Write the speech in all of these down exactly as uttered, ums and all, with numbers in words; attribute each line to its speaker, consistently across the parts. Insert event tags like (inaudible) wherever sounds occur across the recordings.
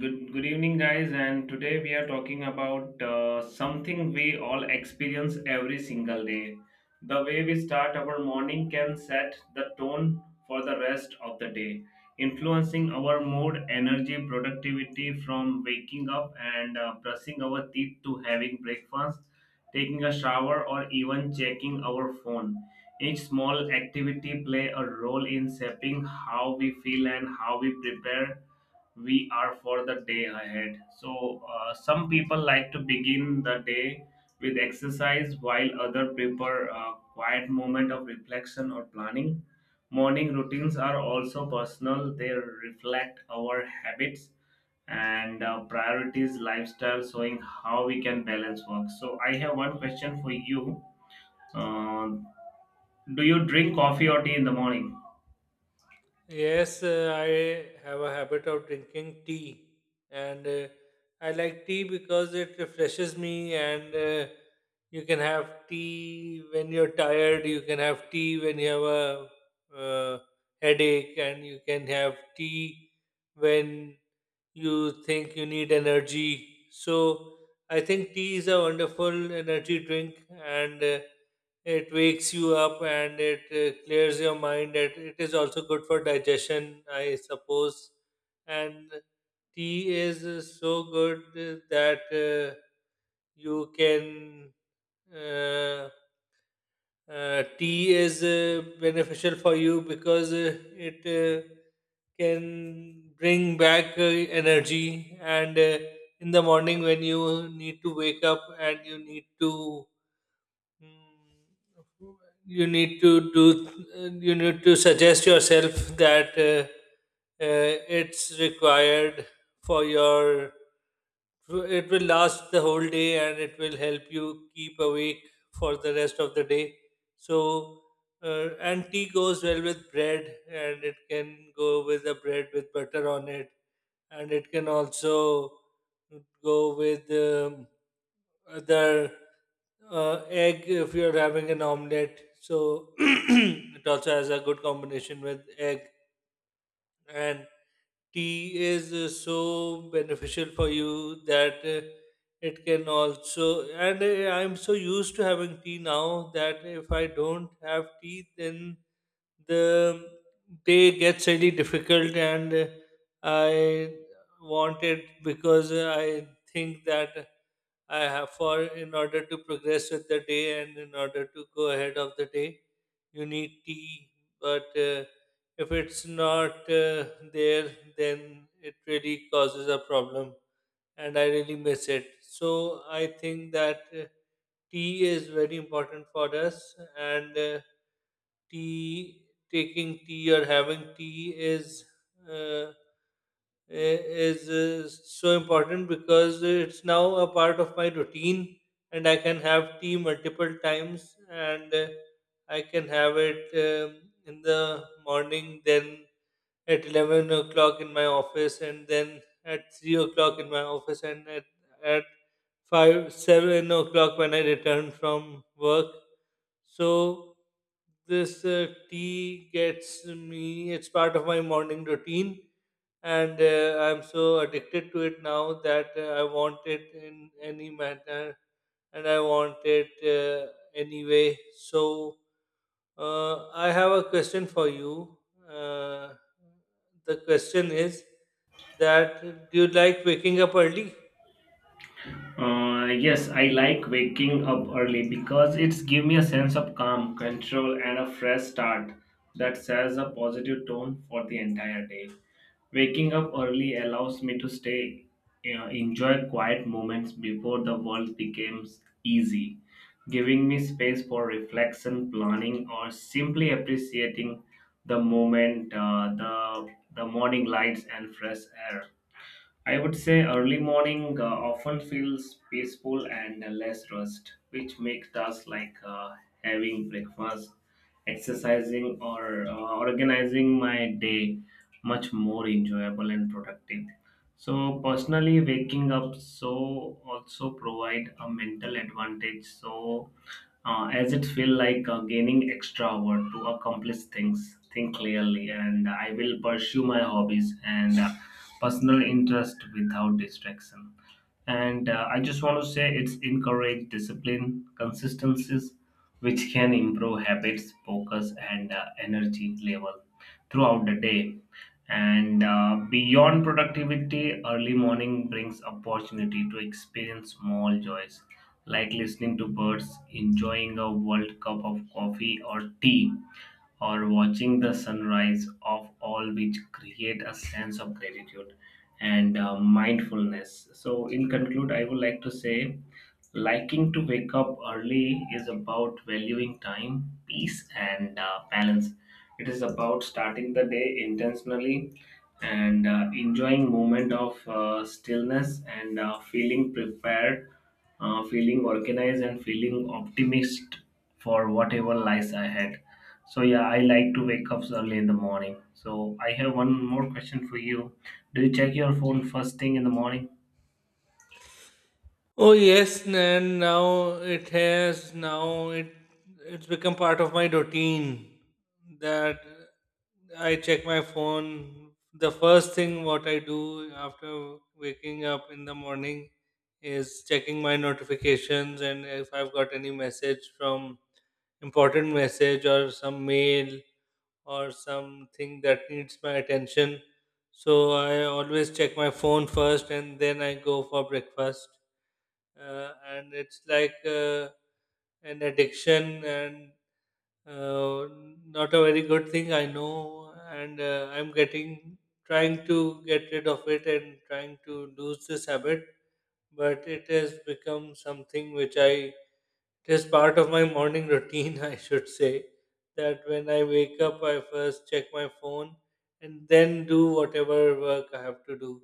Speaker 1: Good, good evening, guys. And today we are talking about uh, something we all experience every single day. The way we start our morning can set the tone for the rest of the day, influencing our mood, energy, productivity from waking up and uh, brushing our teeth to having breakfast, taking a shower, or even checking our phone. Each small activity play a role in shaping how we feel and how we prepare we are for the day ahead. So, uh, some people like to begin the day with exercise, while other prefer a quiet moment of reflection or planning. Morning routines are also personal, they reflect our habits and uh, priorities, lifestyle, showing how we can balance work. So, I have one question for you. Uh, do you drink coffee or tea in the morning?
Speaker 2: Yes, uh, I have a habit of drinking tea, and uh, I like tea because it refreshes me. And uh, You can have tea when you're tired. You can have tea when you have a uh, headache, and you can have tea when you think you need energy. So I think tea is a wonderful energy drink, and uh, it wakes you up and it uh, clears your mind. It, it is also good for digestion, I suppose. And tea is uh, so good uh, that uh, you can. Uh, uh, Tea is uh, beneficial for you because uh, it uh, can bring back uh, energy, and uh, in the morning when you need to wake up and you need to Mm, you need to do you need to suggest yourself that uh, uh, it's required for your it will last the whole day and it will help you keep awake for the rest of the day. So uh, and tea goes well with bread, and it can go with a bread with butter on it, and it can also go with um, uh, the uh, egg if you're having an omelette. So (clears throat) it also has a good combination with egg. And tea is uh, so beneficial for you that uh, it can also. And uh, I'm so used to having tea now that if I don't have tea, then the day gets really difficult, and uh, I want it because I think that. I have for in order to progress with the day and in order to go ahead of the day, you need tea. But uh, if it's not uh, there, then it really causes a problem, and I really miss it. So I think that. Uh, tea is very important for us, and uh, tea taking tea or having tea is uh, i- is uh, so important because it's now a part of my routine, and I can have tea multiple times, and uh, I can have it um, in the morning, then at eleven o'clock in my office, and then at three o'clock in my office, and at, at five, seven o'clock when I return from work. So this uh, tea gets me, it's part of my morning routine. And uh, I'm so addicted to it now that uh, I want it in any manner, and I want it uh, anyway. So uh, I have a question for you. Uh, the question is that do you like waking up early?
Speaker 1: Uh, yes, I like waking up early because it's give me a sense of calm, control, and a fresh start that sets a positive tone for the entire day. Waking up early allows me to stay, you know, enjoy quiet moments before the world becomes easy, giving me space for reflection, planning, or simply appreciating the moment, uh, the the morning lights and fresh air. I would say early morning uh, often feels peaceful and less rushed, which makes tasks like uh, having breakfast, exercising, or uh, organizing my day much more enjoyable and productive. So personally, waking up so also provide a mental advantage. So uh, as it feel like uh, gaining extra hour to accomplish things think clearly and I will pursue my hobbies and uh, personal interest without distraction and uh, I just want to say it's encourage discipline consistencies which can improve habits, focus, and uh, energy level throughout the day. And uh, beyond productivity, early morning brings opportunity to experience small joys like listening to birds, enjoying a world cup of coffee or tea or watching the sunrise of all which create a sense of gratitude and uh, mindfulness so in conclude I would like to say liking to wake up early is about valuing time peace and uh, balance it is about starting the day intentionally and uh, enjoying moment of uh, stillness and uh, feeling prepared, uh, feeling organized, and feeling optimist for whatever lies ahead. So yeah, I like to wake up early in the morning. So I have one more question for you. Do you check your phone first thing in the morning?
Speaker 2: Oh yes, and now it has now it it's become part of my routine that I check my phone. The first thing what I do after waking up in the morning is checking my notifications, and if I've got any message from important message or some mail or something that needs my attention. So I always check my phone first, and then I go for breakfast, uh, and it's like uh, an addiction, and uh, not a very good thing I know, and uh, I'm getting trying to get rid of it and trying to lose this habit, but it has become something which I it is part of my morning routine (laughs) I should say that when I wake up I first check my phone, and then do whatever work I have to do.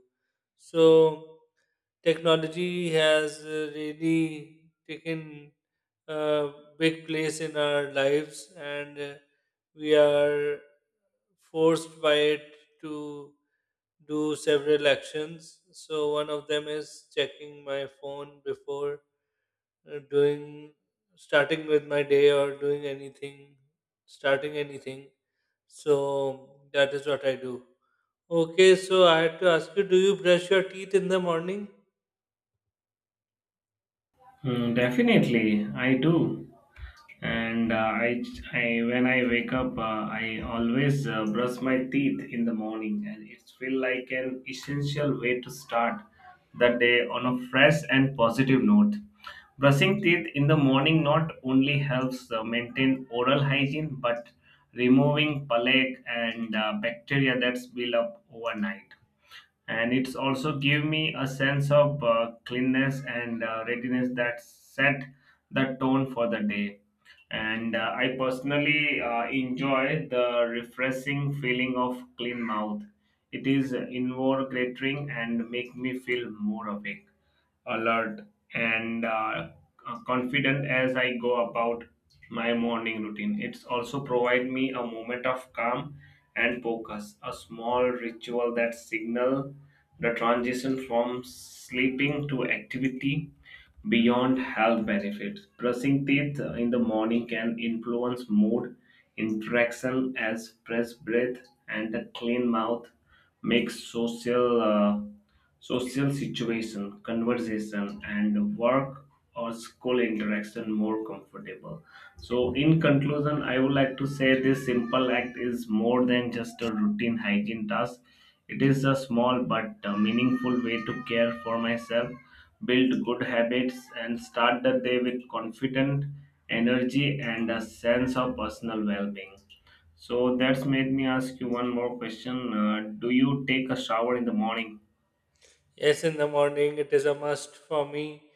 Speaker 2: So technology has uh, really taken a big place in our lives, and uh, we are forced by it to do several actions. So one of them is checking my phone before uh, doing starting with my day, or doing anything, starting anything. So that is what I do. Okay, so I had to ask you, do you brush your teeth in the morning?
Speaker 1: Hmm, definitely, I do. And uh, I, I when I wake up uh, I always uh, brush my teeth in the morning and it feels like an essential way to start the day on a fresh and positive note brushing teeth in the morning not only helps uh, maintain oral hygiene but removing plaque and uh, bacteria that's built up overnight and it's also give me a sense of uh, cleanness and uh, readiness that set the tone for the day and uh, I personally uh, enjoy the refreshing feeling of clean mouth it is invigorating and make me feel more awake alert, and uh, uh, confident as I go about my morning routine. It's also provide me a moment of calm and focus, a small ritual that signal the transition from sleeping to activity beyond health benefits. Brushing teeth in the morning can influence mood, interaction as fresh breath and a clean mouth makes social uh, social situation, conversation, and work or school interaction more comfortable. So, in conclusion, I would like to say this simple act is more than just a routine hygiene task. It is a small but uh, meaningful way to care for myself, build good habits, and start the day with confident energy and a sense of personal well being. So, that's made me ask you one more question. Uh, do you take a shower in the morning?
Speaker 2: Yes, in the morning it is a must for me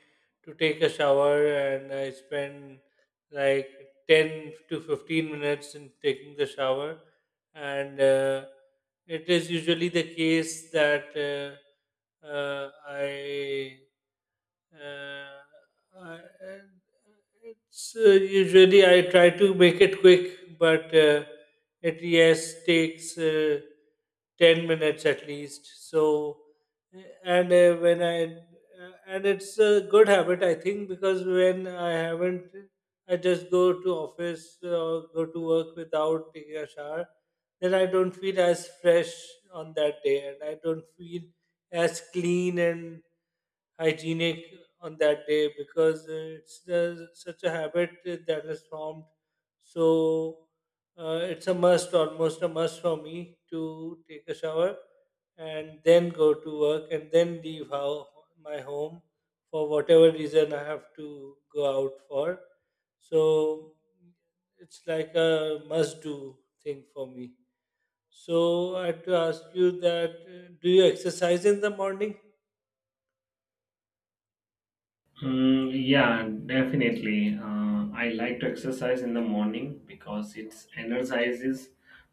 Speaker 2: to take a shower, and I spend like ten to fifteen minutes in taking the shower. And uh, It is usually the case that uh, uh, I uh, I, and it's uh, usually I try to make it quick, but uh, it yes takes uh, ten minutes at least. So, uh, and uh, When I uh, and it's a good habit I think, because when I haven't, I just go to office or go to work without taking a shower, then I don't feel as fresh on that day, and I don't feel as clean and hygienic on that day, because uh, it's the, such a habit that has formed. So uh, it's a must, almost a must for me to take a shower and then go to work and then leave how, my home for whatever reason I have to go out for. So it's like a must do thing for me. So I have to ask you that uh, do you exercise in the morning?
Speaker 1: Mm, yeah, definitely. Uh, I like to exercise in the morning because it energizes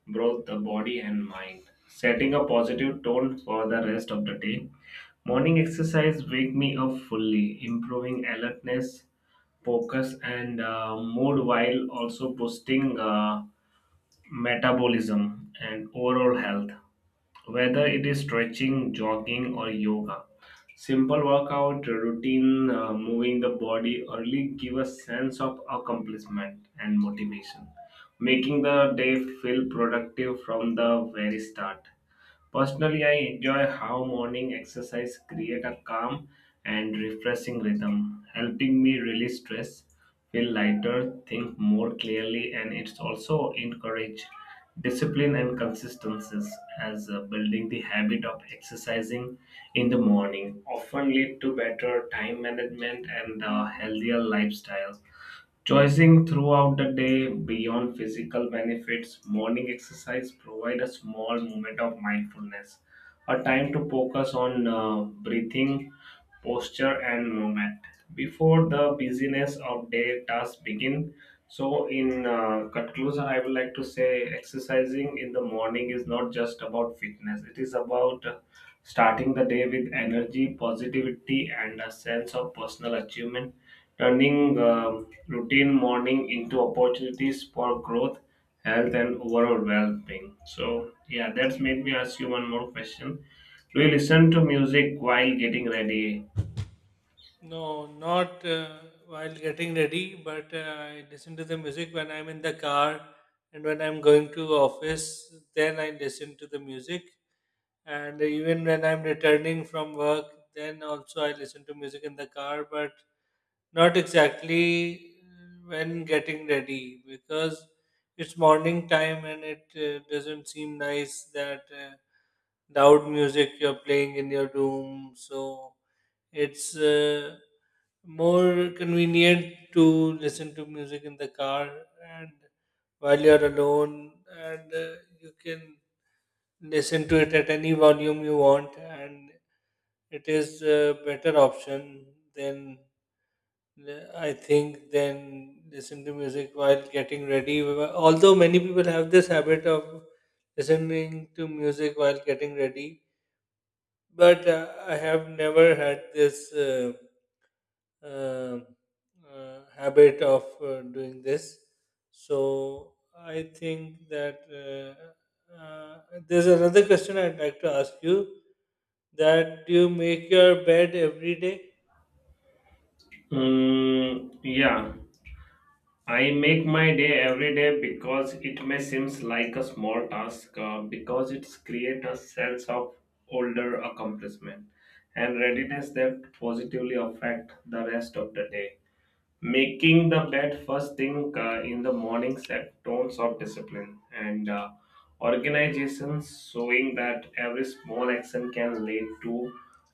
Speaker 1: both the body and mind, setting a positive tone for the rest of the day. Morning exercise wake me up fully, improving alertness, focus, and uh, mood while also boosting. Uh, metabolism, and overall health. Whether it is stretching, jogging, or yoga, simple workout routine, uh, moving the body early give a sense of accomplishment and motivation, making the day feel productive from the very start. Personally, I enjoy how morning exercise create a calm and refreshing rhythm, helping me release stress, feel lighter, think more clearly, and it's also encourage discipline and consistencies as uh, building the habit of exercising in the morning often lead to better time management and uh, healthier lifestyles Choosing throughout the day beyond physical benefits, morning exercise provide a small moment of mindfulness, a time to focus on uh, breathing, posture, and movement before the busyness of day tasks begin. So, in uh, conclusion, I would like to say exercising in the morning is not just about fitness; it is about Starting the day with energy, positivity, and a sense of personal achievement, turning um, routine morning into opportunities for growth, health, and overall well being. So, yeah, that's made me ask you one more question. Do you listen to music while getting ready?
Speaker 2: No, not uh, while getting ready, but uh, I listen to the music when I'm in the car, and when I'm going to office, then I listen to the music. And even when I'm returning from work, then also I listen to music in the car, but not exactly uh, when getting ready, because it's morning time and it uh, doesn't seem nice that uh, loud music you're playing in your room. So it's uh, more convenient to listen to music in the car, and while you're alone, and uh, you can listen to it at any volume you want, and it is a better option than uh, I think than listen to music while getting ready. Although many people have this habit of listening to music while getting ready, but uh, I have never had this. Uh, uh, uh, Habit of uh, doing this. So I think that uh, uh, there's another question I'd like to ask you. That do you make your bed every day?
Speaker 1: Mm, yeah. I make my day every day because it may seems like a small task uh, because it creates a sense of older accomplishment and readiness that positively affect the rest of the day making the bed first thing uh, in the morning set tones of discipline and uh, organization showing that every small action can lead to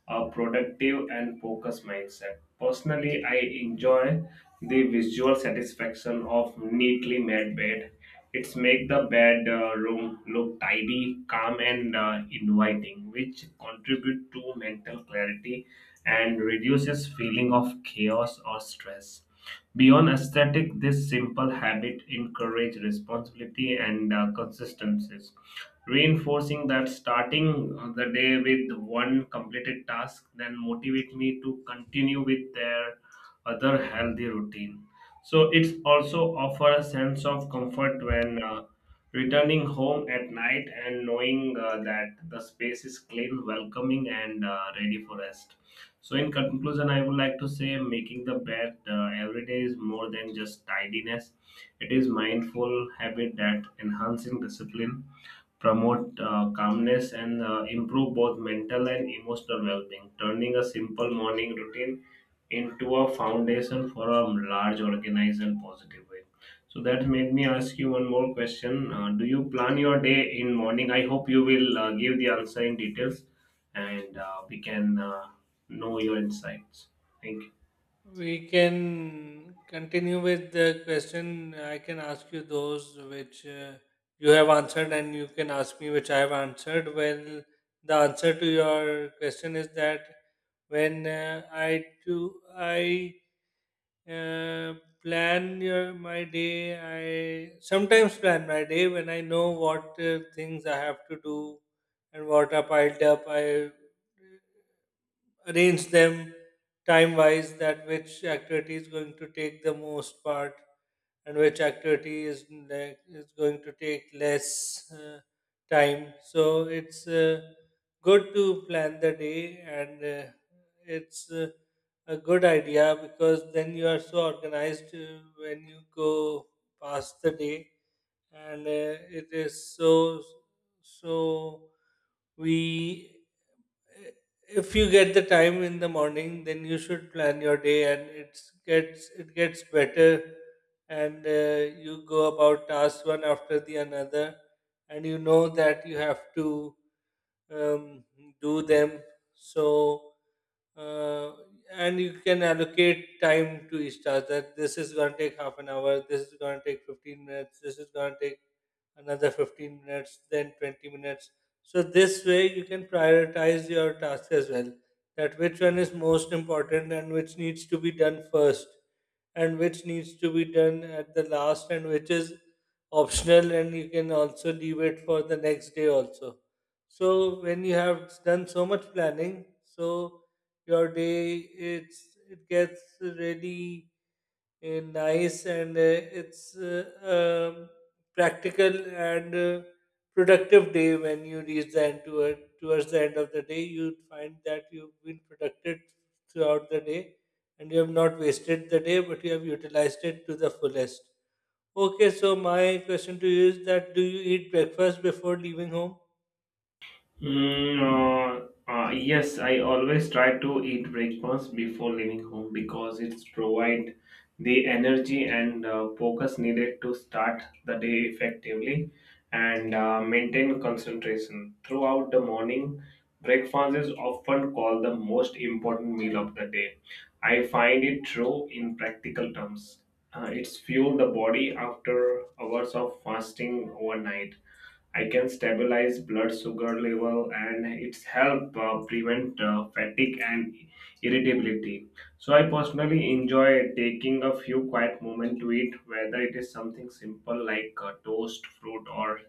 Speaker 1: a productive and focused mindset personally I enjoy the visual satisfaction of neatly made bed it's make the bed uh, room look tidy calm and uh, inviting which contribute to mental clarity and reduces feeling of chaos or stress Beyond aesthetic, this simple habit encourages responsibility and uh, consistencies, reinforcing that starting uh, the day with one completed task then motivate me to continue with their other healthy routine. So it also offers a sense of comfort when uh, returning home at night and knowing uh, that the space is clean, welcoming, and uh, ready for rest. So, in conclusion, I would like to say making the bed uh, every day is more than just tidiness. It is mindful habit that enhancing discipline, promote uh, calmness, and uh, improve both mental and emotional well-being. Turning a simple morning routine into a foundation for a large, organized, and positive way. So that made me ask you one more question. Uh, do you plan your day in morning? I hope you will uh, give the answer in details and uh, we can uh, know your insights. Thank you.
Speaker 2: We can continue with the question. I can ask you those which uh, you have answered, and you can ask me which I have answered. Well, the answer to your question is that when uh, I do, I uh, plan your, my day. I sometimes plan my day when I know what uh, things I have to do and what are piled up. I arrange them time wise, that which activity is going to take the most part, and which activity is like is going to take less uh, time. So it's uh, good to plan the day, and uh, it's uh, a good idea, because then you are so organized uh, when you go past the day, and uh, it is so so we if you get the time in the morning, then you should plan your day, and it's gets it gets better, and uh, you go about tasks one after the another, and you know that you have to um, do them. So uh, and you can allocate time to each task, that this is going to take half an hour, this is going to take fifteen minutes, this is going to take another fifteen minutes, then twenty minutes. So this way you can prioritize your task as well. That which one is most important, and which needs to be done first, and which needs to be done at the last, and which is optional, and you can also leave it for the next day also. So when you have done so much planning, so your day it's it gets really eh, nice, and uh, it's uh, um, practical and uh, productive day. When you reach the end toward, towards the end of the day, you find that you've been productive throughout the day, and you have not wasted the day, but you have utilized it to the fullest. Okay, so my question to you is that, do you eat breakfast before leaving home?
Speaker 1: Mm, uh, uh, yes, I always try to eat breakfast before leaving home because it provides the energy and uh, focus needed to start the day effectively and uh, maintain concentration. Throughout the morning, breakfast is often called the most important meal of the day. I find it true in practical terms. Uh, it's fuel the body after hours of fasting overnight I can stabilize blood sugar level and it's help uh, prevent uh, fatigue and irritability. So I personally enjoy taking a few quiet moment to eat, whether it is something simple like uh, toast, fruit, or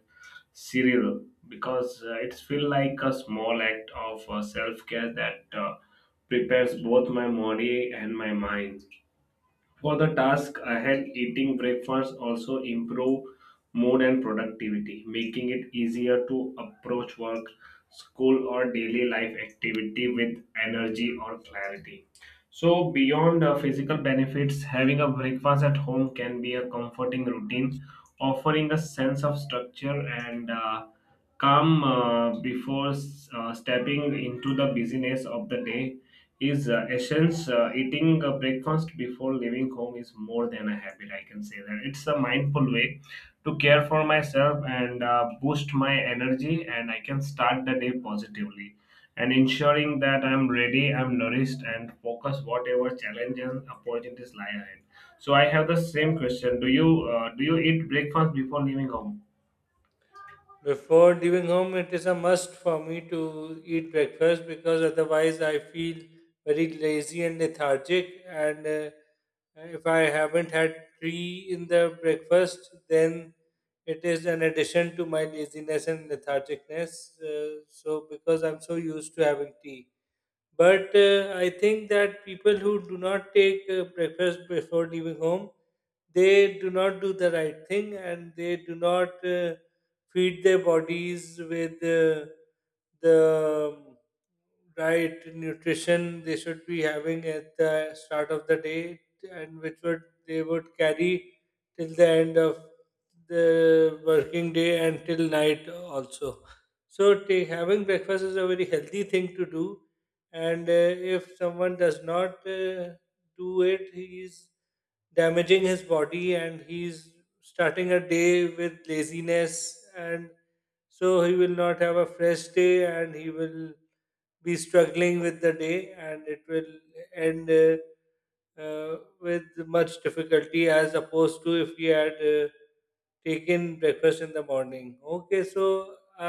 Speaker 1: cereal, because uh, it feels like a small act of uh, self care that uh, prepares both my body and my mind. For the task ahead, eating breakfast also improve mood and productivity, making it easier to approach work, school, or daily life activity with energy or clarity. So, beyond uh, physical benefits, having a breakfast at home can be a comforting routine, offering a sense of structure and uh, calm uh, before s- uh, stepping into the busyness of the day is uh, essence uh, eating uh, breakfast before leaving home is more than a habit I can say that it's a mindful way to care for myself and uh, boost my energy and I can start the day positively and ensuring that I'm ready I'm nourished and focus whatever challenges, and opportunities lie ahead so I have the same question do you uh, do you eat breakfast before leaving home
Speaker 2: Before leaving home, it is a must for me to eat breakfast, because otherwise I feel very lazy and lethargic. And uh, If I haven't had tea in the breakfast, then it is an addition to my laziness and lethargicness. Uh, so, because I'm so used to having tea. But uh, I think that people who do not take uh, breakfast before leaving home, they do not do the right thing, and they do not uh, feed their bodies with uh, the um, right nutrition they should be having at the start of the day, and which would they would carry till the end of the working day, and till night also. So, ta- having breakfast is a very healthy thing to do, and uh, if someone does not uh, do it, he's damaging his body, and he's starting a day with laziness, and so he will not have a fresh day, and he will be struggling with the day, and it will end uh, uh, with much difficulty, as opposed to if he had uh, taken breakfast in the morning. Okay, so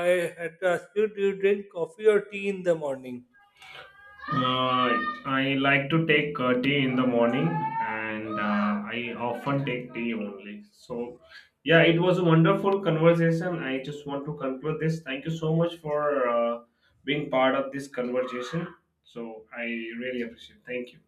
Speaker 2: I had to ask you, do you drink coffee or tea in the morning?
Speaker 1: Uh, I like to take uh, tea in the morning, and uh, I often take tea only. So, yeah, it was a wonderful conversation. I just want to conclude this. Thank you so much for uh, being part of this conversation. So, I really appreciate. It. Thank you.